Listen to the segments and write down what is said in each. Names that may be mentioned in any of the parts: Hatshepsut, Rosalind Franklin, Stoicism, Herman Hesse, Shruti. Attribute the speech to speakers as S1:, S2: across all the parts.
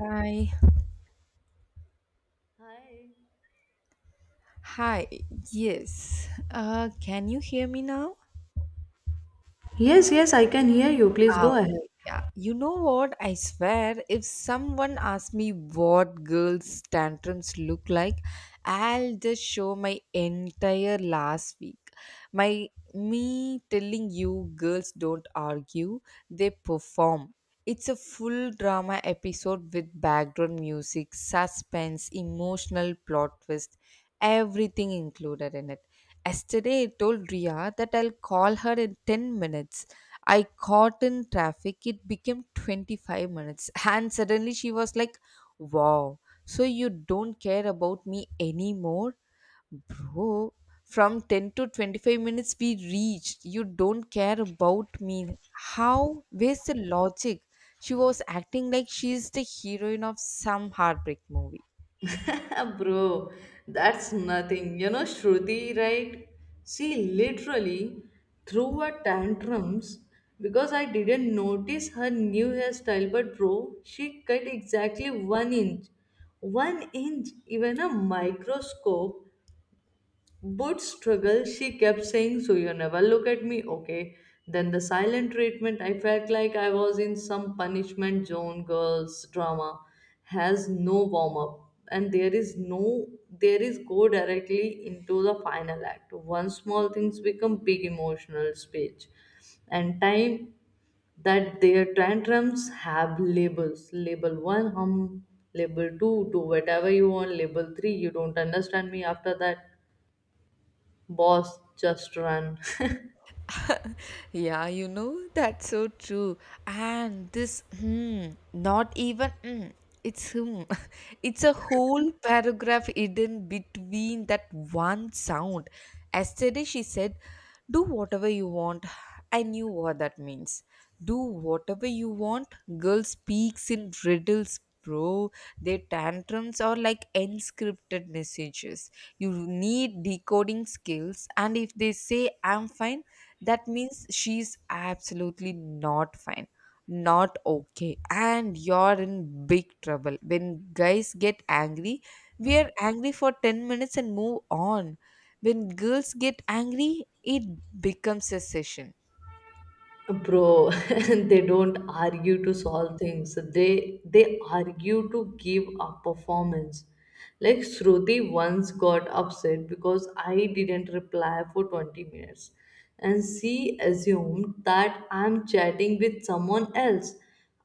S1: Hi.
S2: Hi.
S1: Hi. Yes. Can you hear me now?
S2: Yes, yes, I can hear you. Please go ahead.
S1: Yeah, you know what? I swear, if someone asks me what girls' tantrums look like, I'll just show my entire last week. My Me telling you, girls don't argue, they perform. It's a full drama episode with background music, suspense, emotional plot twist, everything included in it. Yesterday, I told Ria that I'll call her in 10 minutes. I caught in traffic. It became 25 minutes. And suddenly she was like, "Wow, so you don't care about me anymore?" Bro, from 10 to 25 minutes we reached, "You don't care about me." How? Where's the logic? She was acting like she's the heroine of some heartbreak movie.
S2: Bro, that's nothing. You know, Shruti, right? She literally threw a tantrums because I didn't notice her new hairstyle. But, bro, she cut exactly 1 inch. 1 inch, even a microscope. But struggle, she kept saying, "So you never look at me, okay?" Then the silent treatment, I felt like I was in some punishment zone. Girls drama has no warm up, and there is no, there is go directly into the final act. One small things become big emotional speech, and time that their tantrums have labels. Label one, label two, do whatever you want, label three, you don't understand me. After that, boss just run.
S1: Yeah, you know, that's so true. And this, hmm, not even, hmm, it's hmm. It's a whole paragraph hidden between that one sound. Yesterday she said, "Do whatever you want." I knew what that means. Do whatever you want. Girl speaks in riddles, bro. Their tantrums are like unscripted messages. You need decoding skills, and if they say, "I'm fine," that means she's absolutely not fine, not okay, and you're in big trouble. When guys get angry, we are angry for 10 minutes and move on. When girls get angry, it becomes a session.
S2: Bro, they don't argue to solve things, they argue to give a performance. Like Shruti once got upset because I didn't reply for 20 minutes and she assumed that I'm chatting with someone else.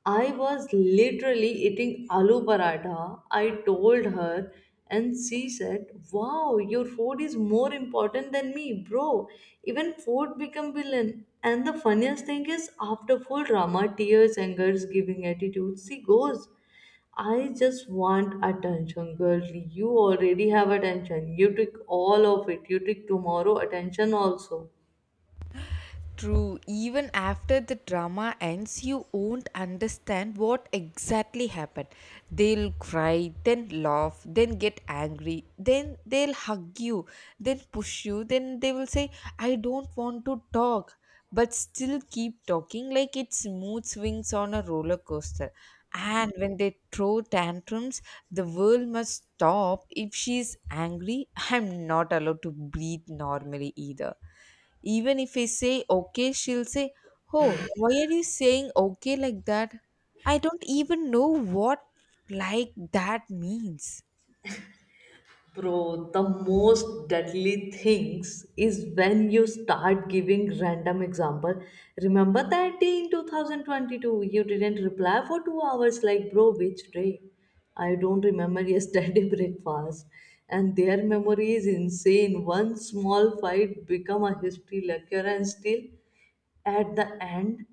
S2: I was literally eating aloo paratha. I told her, and she said, "Wow, your food is more important than me, bro." Even food become villain. And the funniest thing is, after full drama, tears, angers, giving attitude, she goes, "I just want attention, girl." You already have attention. You took all of it. You took tomorrow attention also.
S1: True, even after the drama ends, you won't understand what exactly happened. They'll cry, then laugh, then get angry, then they'll hug you, then push you, then they will say, "I don't want to talk," but still keep talking like it's mood swings on a roller coaster. And when they throw tantrums, the world must stop. If she's angry, I'm not allowed to breathe normally either. Even if I say okay, she'll say, "Oh, why are you saying okay like that?" I don't even know what "like that" means.
S2: Bro, the most deadly things is when you start giving random example. Remember that day in 2022 you didn't reply for 2 hours? Like, bro, which day? I don't remember yesterday breakfast. And their memory is insane. One small fight become a history lecture, and still at the end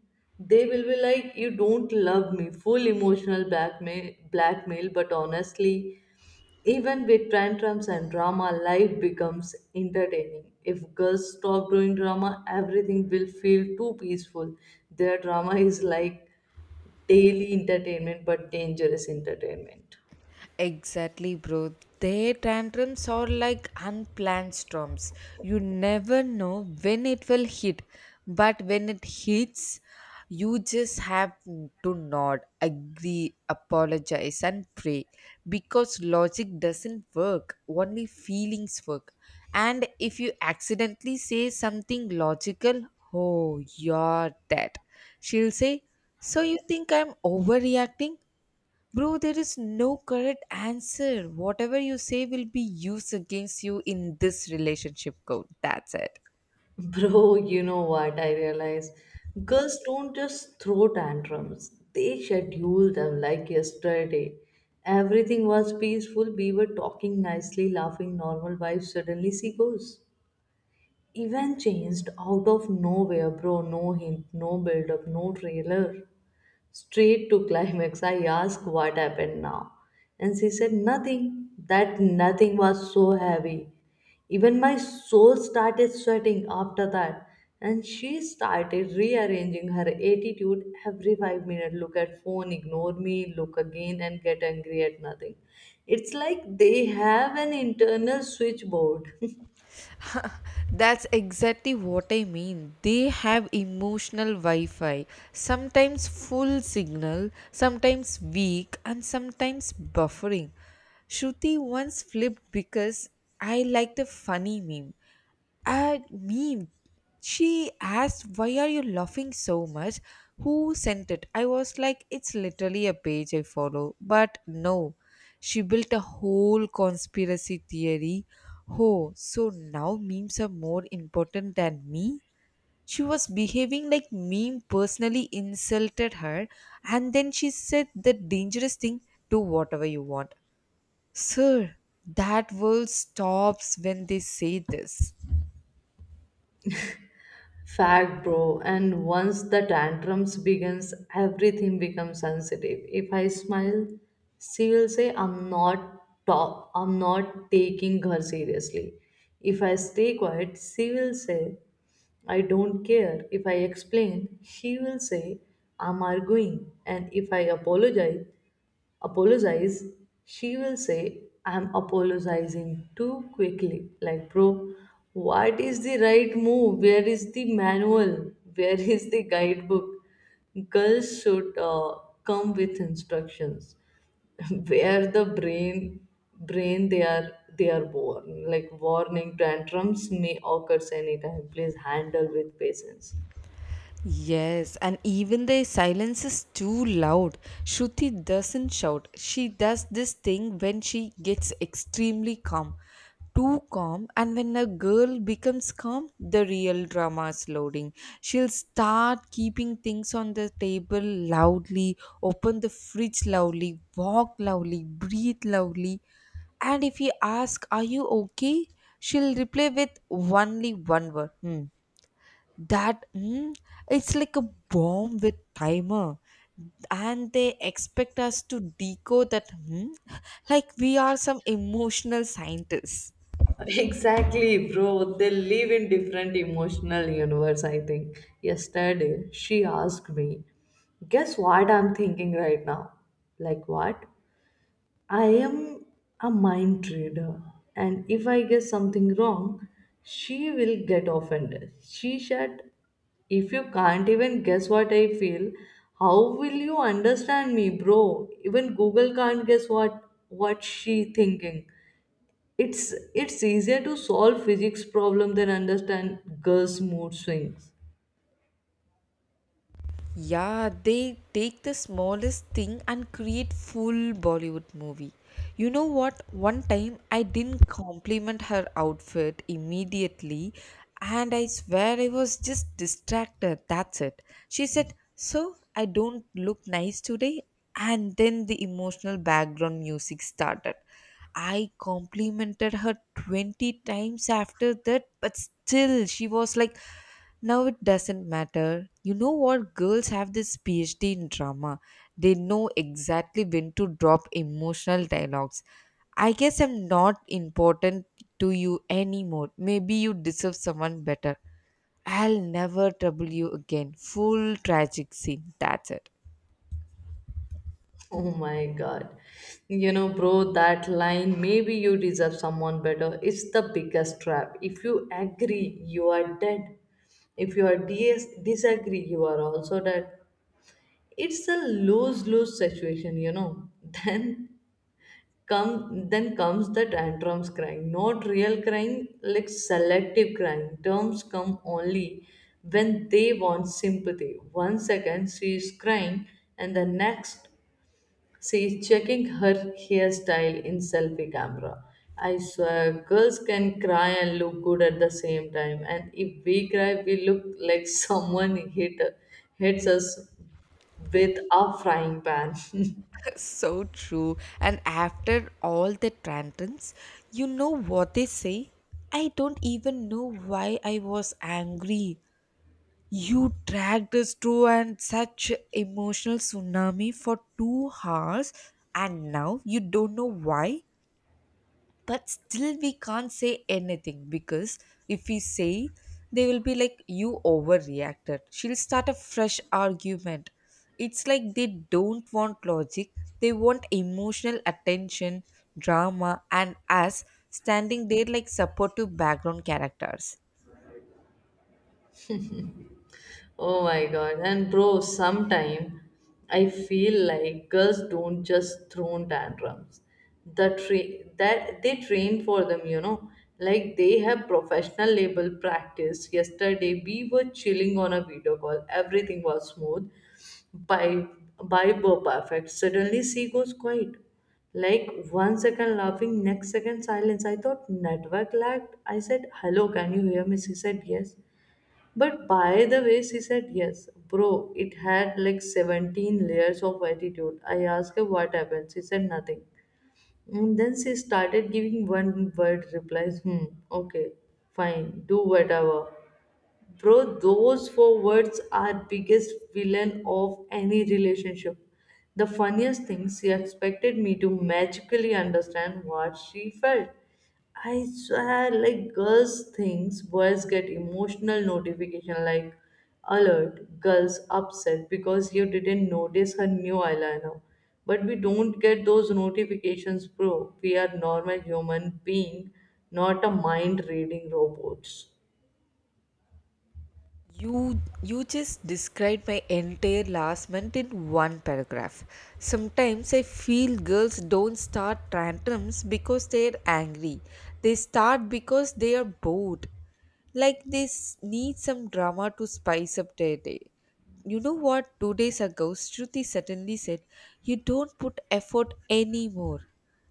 S2: they will be like, "You don't love me." Full emotional blackmail. But honestly, even with tantrums and drama, life becomes entertaining. If girls stop doing drama, everything will feel too peaceful. Their drama is like daily entertainment, but dangerous entertainment.
S1: Exactly, bro. Their tantrums are like unplanned storms. You never know when it will hit, but when it hits, you just have to nod, agree, apologize, and pray, because logic doesn't work, only feelings work. And if you accidentally say something logical, oh, you're dead. She'll say, "So you think I'm overreacting?" Bro, there is no correct answer. Whatever you say will be used against you in this relationship code. That's it.
S2: Bro, you know what I realize? Girls don't just throw tantrums, they schedule them. Like yesterday, everything was peaceful, we were talking nicely, laughing, normal vibes, suddenly she goes. Even changed out of nowhere, bro. No hint, no build up, no trailer. Straight to climax. I asked what happened now. And she said nothing. That nothing was so heavy. Even my soul started sweating after that. And she started rearranging her attitude every 5 minutes. Look at phone, ignore me, look again, and get angry at nothing. It's like they have an internal switchboard.
S1: That's exactly what I mean. They have emotional Wi Fi, sometimes full signal, sometimes weak, and sometimes buffering. Shruti once flipped because I liked a funny meme. At me, she asked, "Why are you laughing so much? Who sent it?" I was like, "It's literally a page I follow." But no, she built a whole conspiracy theory. "Oh, so now memes are more important than me?" She was behaving like meme personally insulted her, and then she said the dangerous thing, "Do whatever you want." Sir, that world stops when they say this.
S2: Fact, bro. And once the tantrums begins, everything becomes sensitive. If I smile, she will say I'm not taking her seriously. If I stay quiet, she will say I don't care. If I explain, she will say I'm arguing. And if I apologize, apologize, she will say I'm apologizing too quickly. Like, bro, what is the right move? Where is the manual? Where is the guidebook? Girls should come with instructions. Where the brain they are, they are born like warning tantrums may occur anytime, please handle with patience.
S1: Yes, and even the silence is too loud. Shruti doesn't shout. She does this thing when she gets extremely calm. Too calm, and when a girl becomes calm, the real drama is loading. She'll start keeping things on the table loudly, open the fridge loudly, walk loudly, breathe loudly. And if you ask, "Are you okay?" she'll reply with only one word. "Hmm." That mm, it's like a bomb with timer, and they expect us to decode that mm, like we are some emotional scientists.
S2: Exactly, bro. They live in different emotional universe, I think. Yesterday, she asked me, "Guess what I'm thinking right now?" Like what? I am a mind reader? And if I guess something wrong, she will get offended. She said, "If you can't even guess what I feel, how will you understand me?" Bro, even Google can't guess what she thinking. It's easier to solve physics problem than understand girls' mood swings.
S1: Yeah, they take the smallest thing and create full Bollywood movie. You know what? One time I didn't compliment her outfit immediately, and I swear I was just distracted. That's it. She said, "So, I don't look nice today." And then the emotional background music started. I complimented her 20 times after that, but still she was like, now it doesn't matter. You know what? Girls have this PhD in drama. They know exactly when to drop emotional dialogues. "I guess I'm not important to you anymore. Maybe you deserve someone better. I'll never trouble you again." Full tragic scene. That's it.
S2: Oh my god. You know, bro, that line, "maybe you deserve someone better." It's the biggest trap. If you agree, you are dead. If you are disagree, you are also dead. It's a lose lose situation, you know. Then then comes the tantrums, crying, not real crying, like selective crying. Terms come only when they want sympathy. One second she is crying, and the next she is checking her hairstyle in selfie camera. I swear girls can cry and look good at the same time, and if we cry, we look like someone hits us with a frying pan.
S1: So true. And after all the tantrums, you know what they say? "I don't even know why I was angry." You dragged us through and such emotional tsunami for 2 hours, and now you don't know why, but still we can't say anything because if we say, they will be like, "You overreacted." She'll start a fresh argument. It's like they don't want logic, they want emotional attention, drama, and us standing there like supportive background characters.
S2: Oh my god. And bro, sometime I feel like girls don't just throw tantrums. That they train for them, you know. Like they have professional level practice. Yesterday we were chilling on a video call. Everything was smooth. By by were perfect. Suddenly she goes quiet. Like one second laughing, next second silence. I thought network lagged. I said, "Hello, can you hear me?" She said yes. But by the way she said yes, bro, it had like 17 layers of attitude. I asked her what happened. She said nothing. And then she started giving one word replies. Hmm, okay, fine, do whatever. Bro, those four words are biggest villain of any relationship. The funniest thing, she expected me to magically understand what she felt. I swear, like girls things, boys get emotional notification like alert, girls upset because you didn't notice her new eyeliner. But we don't get those notifications, bro. We are normal human being, not a mind reading robots.
S1: You just described my entire last month in one paragraph. Sometimes I feel girls don't start tantrums because they're angry. They start because they are bored. Like they need some drama to spice up their day. You know what? 2 days ago, Shruti suddenly said, "You don't put effort anymore."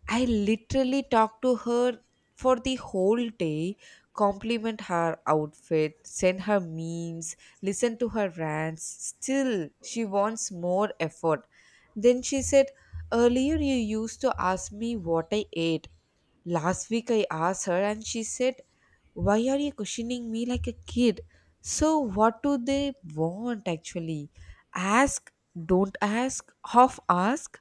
S1: I literally talked to her for the whole day, compliment her outfit, send her memes, listen to her rants. Still, she wants more effort. Then she said, "Earlier, you used to ask me what I ate." Last week, I asked her, and she said, "Why are you questioning me like a kid?" So, what do they want actually? Ask, don't ask, half ask,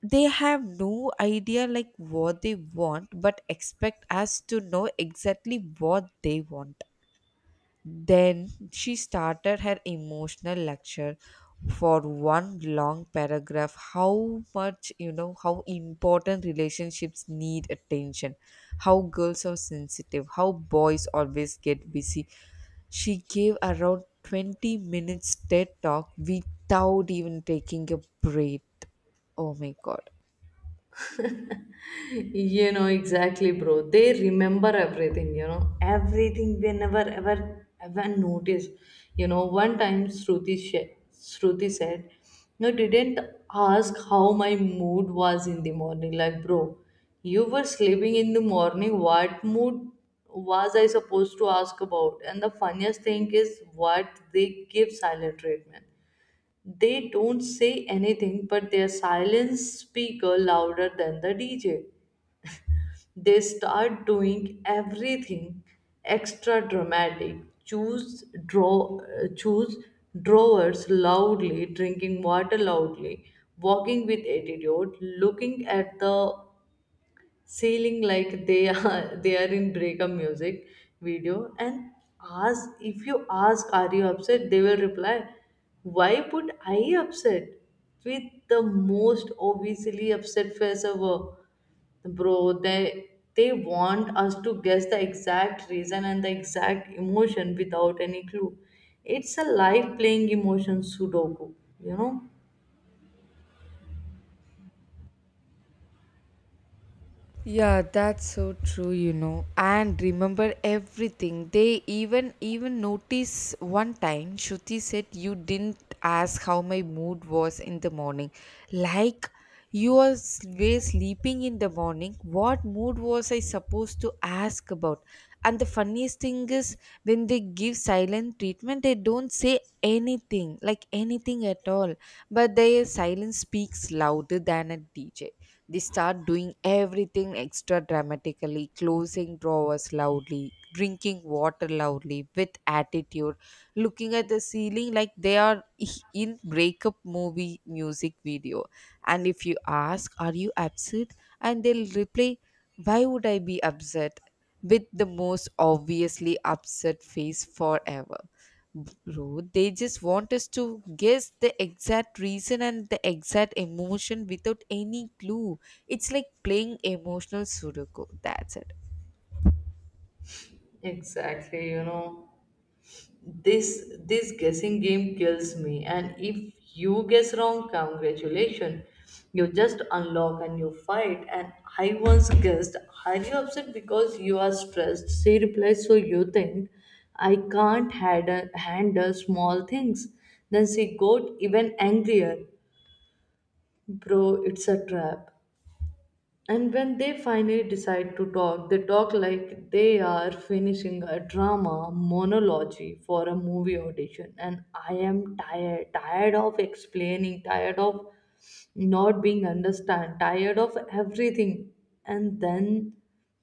S1: they have no idea like what they want, but expect us to know exactly what they want. Then she started her emotional lecture for one long paragraph, how much, you know, how important relationships need attention, how girls are sensitive, how boys always get busy. She gave around 20 minutes TED talk without even taking a breath. Oh my god.
S2: You know, exactly, bro. They remember everything, you know, everything they never ever ever noticed. You know, one time Shruti said, "No, didn't ask how my mood was in the morning." Like, bro, you were sleeping in the morning. What mood was I supposed to ask about? And the funniest thing is what they give silent treatment. They don't say anything, but their silence speak louder than the DJ. They start doing everything extra dramatic, choose drawers loudly, drinking water loudly, walking with attitude, looking at the ceiling like they are they are in breakup music video. And ask, if you ask are you upset, they will reply, "Why put I upset?" with the most obviously upset face ever. Bro, they want us to guess the exact reason and the exact emotion without any clue. It's a life playing emotion Sudoku, you know?
S1: Yeah, that's so true, you know. And remember everything. They even notice, one time Shruti said, "You didn't ask how my mood was in the morning." Like, you are were sleeping in the morning. What mood was I supposed to ask about? And the funniest thing is when they give silent treatment, they don't say anything, like anything at all. But their silence speaks louder than a DJ. They start doing everything extra dramatically, closing drawers loudly, drinking water loudly, with attitude, looking at the ceiling like they are in breakup movie music video. And if you ask, "Are you upset?" And they'll reply, "Why would I be upset?" with the most obviously upset face forever. Bro, they just want us to guess the exact reason and the exact emotion without any clue. It's like playing emotional Sudoku. That's it.
S2: Exactly, you know. This guessing game kills me. And if you guess wrong, congratulations. You just unlock and you fight. And I once guessed, "Are you upset because you are stressed?" She replies, "So you think I can't handle small things?" Then she got even angrier. Bro, it's a trap. And when they finally decide to talk, they talk like they are finishing a drama monologue for a movie audition. "And I am tired, tired of explaining, tired of not being understood, tired of everything." And then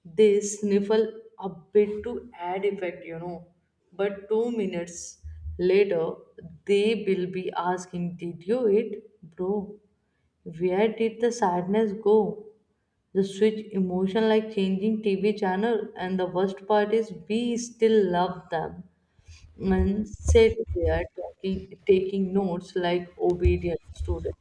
S2: they sniffle a bit to add effect, you know. But 2 minutes later, they will be asking, "Did you eat?" Bro, where did the sadness go? The switch emotion like changing TV channel, and the worst part is we still love them and sit there talking, taking notes like obedient student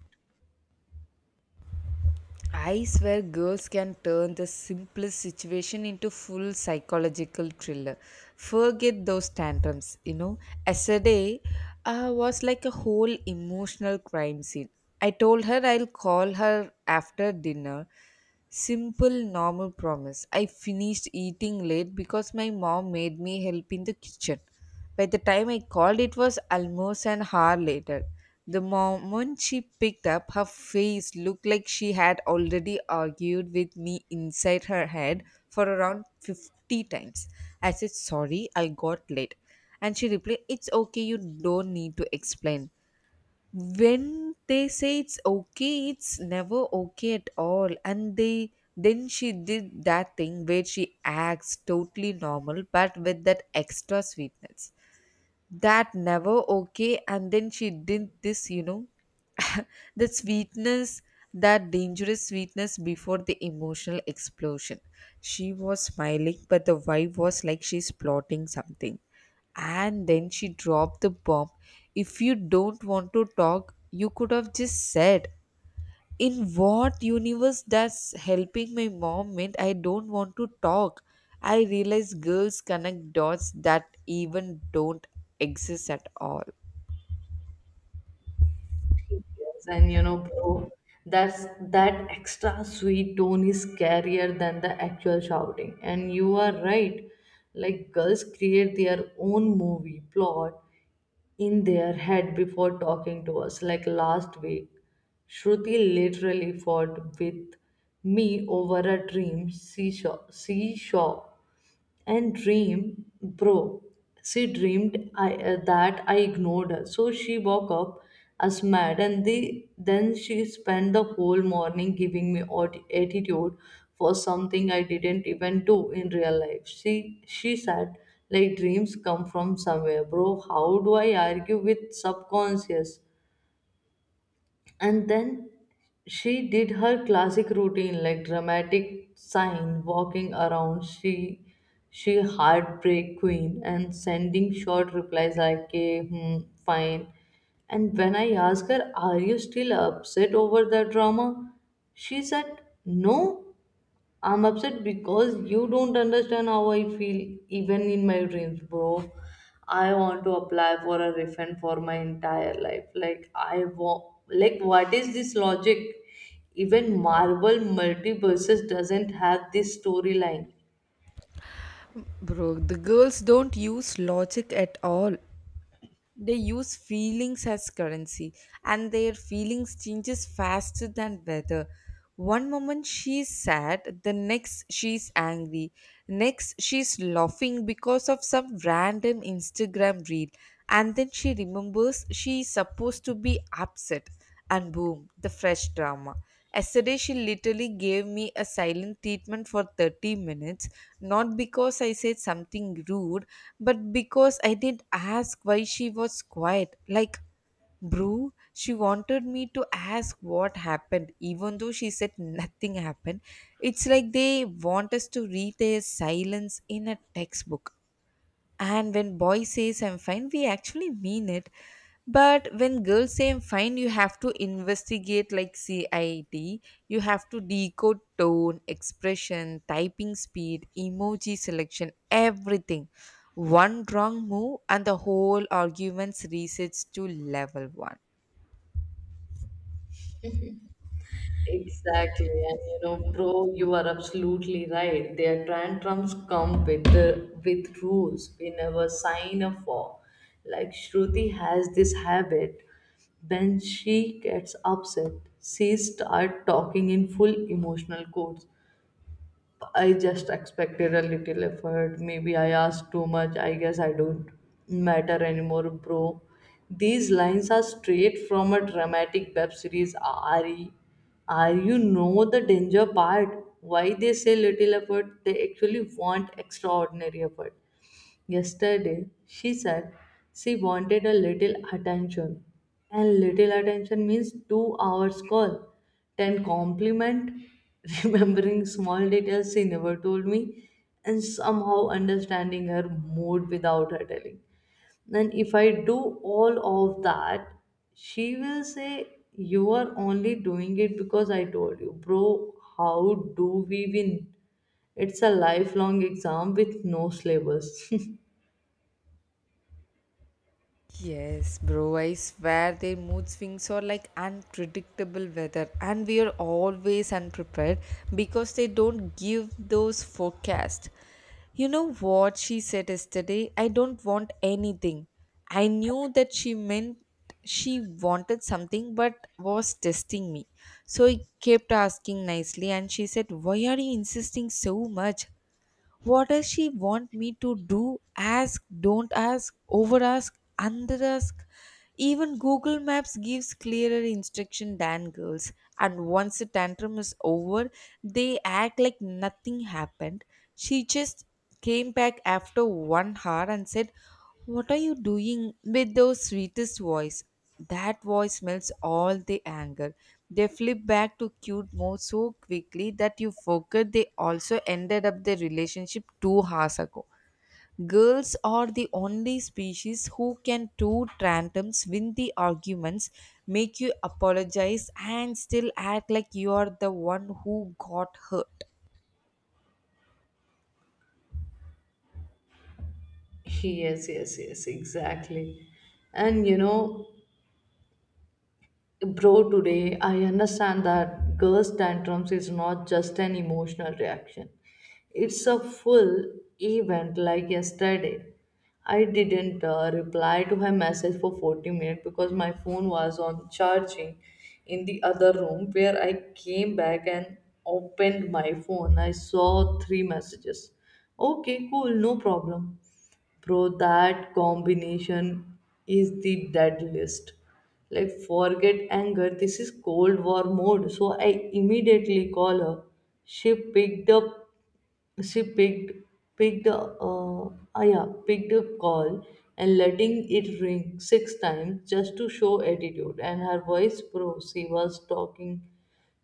S1: I swear girls can turn the simplest situation into full psychological thriller. Forget those tantrums, you know. Yesterday was like a whole emotional crime scene. I told her I'll call her after dinner. Simple, normal promise. I finished eating late because my mom made me help in the kitchen. By the time I called, it was almost an hour later. The moment she picked up, her face looked like she had already argued with me inside her head for around 50 times. I said, "Sorry, I got late." And she replied, "It's okay, you don't need to explain." When they say it's okay, it's never okay at all. And they then she did that thing where she acts totally normal but with that extra sweetness, that never okay. And then she did this, you know, that sweetness, that dangerous sweetness before the emotional explosion. She was smiling but the vibe was like she's plotting something, and then she dropped the bomb. "If you don't want to talk, you could have just said." In what universe does helping my mom meant I don't want to talk? I realize girls connect dots that even don't exist at all.
S2: teachers. And you know, bro, that's that extra sweet tone is scarier than the actual shouting. And you are right, like girls create their own movie plot in their head before talking to us. Like last week, Shruti literally fought with me over a dream she saw. She saw and dream, bro. She dreamed that I ignored her. So she woke up as mad, and then she spent the whole morning giving me attitude for something I didn't even do in real life. She said like dreams come from somewhere, bro. How do I argue with subconscious? And then she did her classic routine, like dramatic sign, walking around, she heartbreak queen, and sending short replies like, "Okay, hmm, fine." And when I ask her, "Are you still upset over the drama?" she said, "No, I'm upset because you don't understand how I feel even in my dreams." Bro, I want to apply for a refund for my entire life. Like I want, like what is this logic? Even Marvel multiverses doesn't have this storyline.
S1: Bro, the girls don't use logic at all. They use feelings as currency, and their feelings changes faster than weather. One moment she's sad, the next she's angry, next she's laughing because of some random Instagram reel, and then she remembers she's supposed to be upset, and boom, the fresh drama. Yesterday she literally gave me a silent treatment for 30 minutes, not because I said something rude but because I did not ask why she was quiet. Like, bro, she wanted me to ask what happened, even though she said nothing happened. It's like they want us to read their silence in a textbook. And when boy says I'm fine, we actually mean it. But when girls say I'm fine, you have to investigate like CID. You have to decode tone, expression, typing speed, emoji selection, everything. One wrong move and the whole argument's resets to level one.
S2: Exactly, and you know, bro, you are absolutely right. Their tantrums come with the with rules we never sign up for. Like Shruti has this habit. When she gets upset, she starts talking in full emotional quotes. "I just expected a little effort. Maybe I asked too much. I guess I don't matter anymore." Bro, these lines are straight from a dramatic web series. Are you know the danger part? Why they say little effort? They actually want extraordinary effort. Yesterday, she said she wanted a little attention. And little attention means 2 hours call. 10 compliment, remembering small details she never told me, and somehow understanding her mood without her telling. And if I do all of that, she will say, "You are only doing it because I told you." Bro, how do we win? It's a lifelong exam with no syllabus.
S1: Yes, bro, I swear their mood swings are like unpredictable weather, and we are always unprepared because they don't give those forecasts. You know what she said yesterday? "I don't want anything." I knew that she meant she wanted something but was testing me. So I kept asking nicely, and she said, "Why are you insisting so much?" What does she want me to do? Ask, don't ask, over ask, under ask. Even Google Maps gives clearer instruction than girls. And once the tantrum is over, they act like nothing happened. She just came back after 1 hour and said, what are you doing with those sweetest voice? That voice smells all the anger. They flip back to cute mode so quickly that you forget they also ended up their relationship 2 hours ago. Girls are the only species who can two tantrums, win the arguments, make you apologize, and still act like you are the one who got hurt.
S2: Yes, yes, yes, exactly. And you know, bro, today I understand that girls' tantrums is not just an emotional reaction, it's a full event. Like yesterday, I didn't reply to her message for 40 minutes because my phone was on charging in the other room. Where I came back and opened my phone, I saw three messages. "Okay, cool, no problem." Bro, that combination is the deadliest. Like, forget anger. This is Cold War mode. So I immediately call her. She picked up. She picked picked ah, yeah, picked up call and letting it ring six times just to show attitude. And her voice, bro, she was talking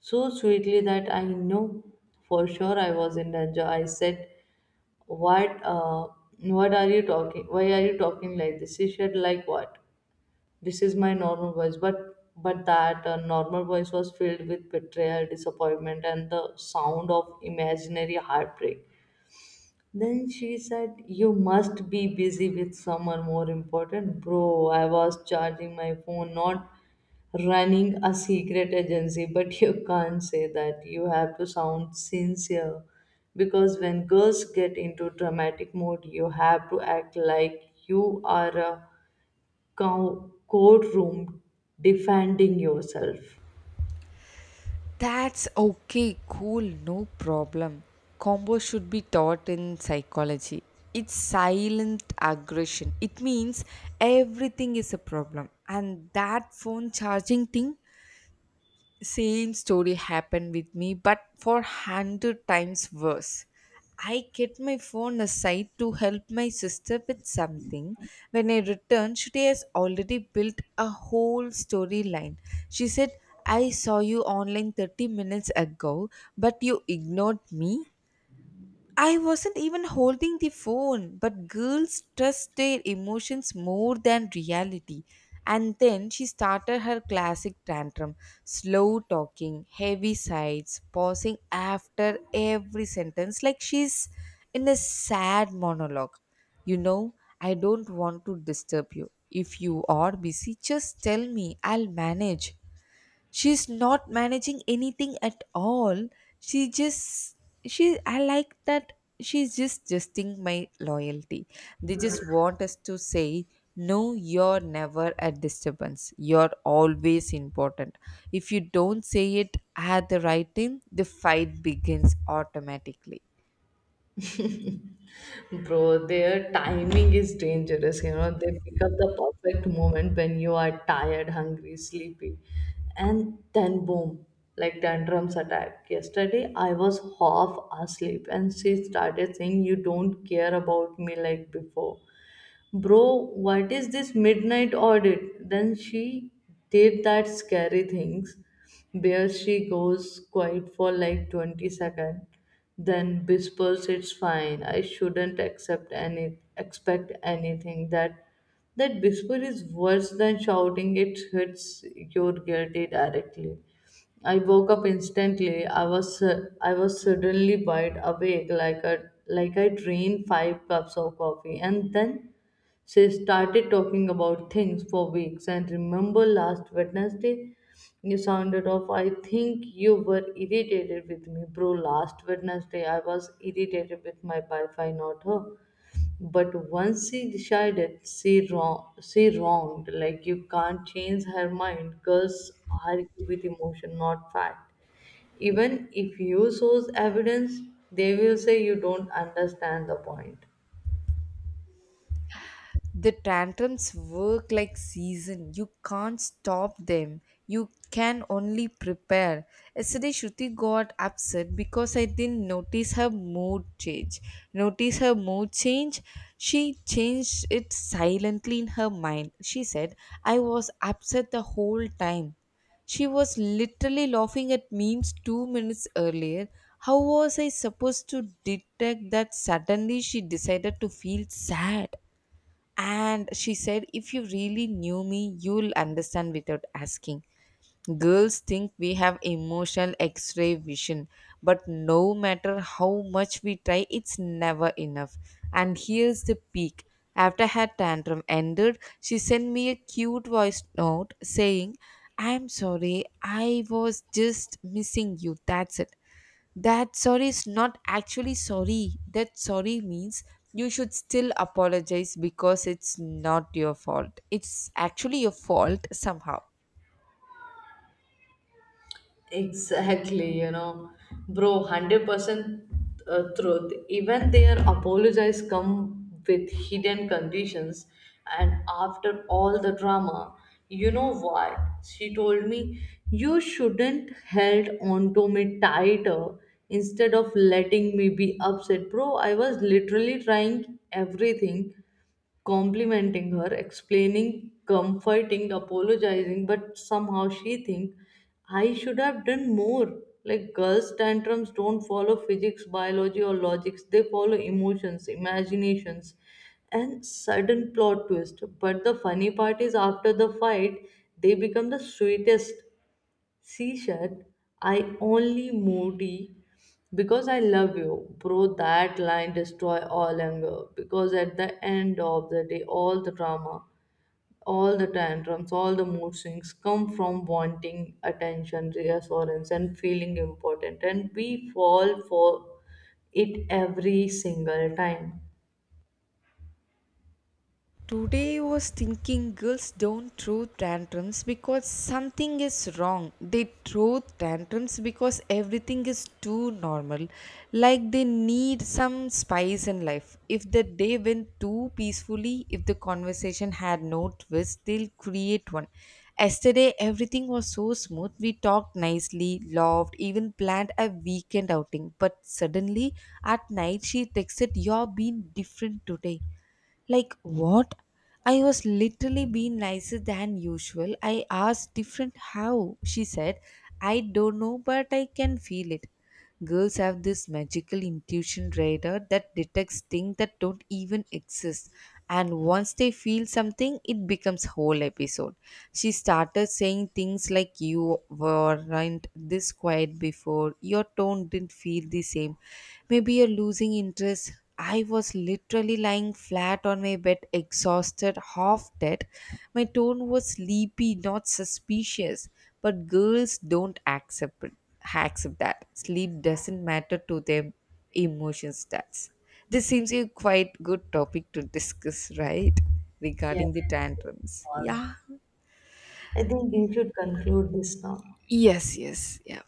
S2: so sweetly that I know for sure I was in danger. I said, what uh what are you talking? Why are you talking like this? She said, "Like what? This is my normal voice." But but that normal voice was filled with betrayal, disappointment, and the sound of imaginary heartbreak. Then she said, "You must be busy with someone more important." Bro, I was charging my phone, not running a secret agency, but you can't say that. You have to sound sincere because when girls get into dramatic mode, you have to act like you are a courtroom defending yourself.
S1: That's okay, cool, no problem. Combo should be taught in psychology. It's silent aggression. It means everything is a problem. And that phone charging thing, same story happened with me but for 100 times worse. I kept my phone aside to help my sister with something. When I returned, she has already built a whole storyline. She said, I saw you online 30 minutes ago but you ignored me. I wasn't even holding the phone, but girls trust their emotions more than reality. And then she started her classic tantrum, slow talking, heavy sighs, pausing after every sentence like she's in a sad monologue. You know, I don't want to disturb you. If you are busy, just tell me, I'll manage. She's not managing anything at all. She just she I like that she's just justing my loyalty. They just want us to say, no, you're never a disturbance, you're always important. If you don't say it at the right time, the fight begins automatically.
S2: Bro, their timing is dangerous. You know, they pick up the perfect moment when you are tired, hungry, sleepy, and then boom, like tantrums attack. Yesterday, I was half asleep, and she started saying, "You don't care about me like before." Bro, what is this midnight audit? Then she did that scary things where she goes quiet for like 20 seconds, then whispers, "It's fine. I shouldn't accept any expect anything." That whisper is worse than shouting, it hits your guilty directly. I woke up instantly. I was suddenly wide awake, like a like I drained five cups of coffee, and then she started talking about things for weeks. "And remember last Wednesday you sounded off. I think you were irritated with me." Bro, last Wednesday I was irritated with my Wi-Fi, not her. But once she decided she wrong she wronged. Like, you can't change her mind. Girls argue with emotion, not fact. Even if you shows evidence, they will say you don't understand the point.
S1: The tantrums work like season, you can't stop them, you can only prepare. Yesterday Shruti got upset because I didn't notice her mood change. notice her mood change she changed it silently in her mind. She said, I was upset the whole time. She was literally laughing at memes 2 minutes earlier. How was I supposed to detect that suddenly she decided to feel sad? And she said, If you really knew me, you'll understand without asking. Girls think we have emotional x ray vision, but no matter how much we try, it's never enough. And here's the peak. After her tantrum ended, she sent me a cute voice note saying, I'm sorry, I was just missing you. That's it. That sorry is not actually sorry. That sorry means you should still apologize because it's not your fault. It's actually your fault somehow.
S2: Exactly, you know, bro, 100% truth. Even their apologies come with hidden conditions, and after all the drama, you know what? She told me, "You shouldn't held onto me tighter instead of letting me be upset." Bro, I was literally trying everything, complimenting her, explaining, comforting, apologizing, but somehow she think I should have done more. Like girls' tantrums don't follow physics, biology, or logics. They follow emotions, imaginations, and sudden plot twist. But the funny part is after the fight, they become the sweetest. "C shirt, I only moody because I love you." Bro, that line destroy all anger because at the end of the day, all the drama, all the tantrums, all the mood swings come from wanting attention, reassurance, and feeling important. And we fall for it every single time.
S1: Today I was thinking girls don't throw tantrums because something is wrong. They throw tantrums because everything is too normal. Like they need some spice in life. If the day went too peacefully, if the conversation had no twist, they'll create one. Yesterday everything was so smooth. We talked nicely, laughed, even planned a weekend outing. But suddenly at night she texted, You're being different today, like, what? I was literally being nicer than usual. I asked different how. She said, I don't know, but I can feel it. Girls have this magical intuition radar that detects things that don't even exist. And once they feel something, it becomes whole episode. She started saying things like you weren't this quiet before, your tone didn't feel the same. Maybe you're losing interest. I was literally lying flat on my bed, exhausted, half dead. My tone was sleepy, not suspicious. But girls don't accept it, accept that. Sleep doesn't matter to them. Emotion stats. This seems like a quite good topic to discuss, right? Regarding
S2: Yes.
S1: the tantrums. Yeah.
S2: I think we should conclude this now.
S1: Yes, yes, yeah.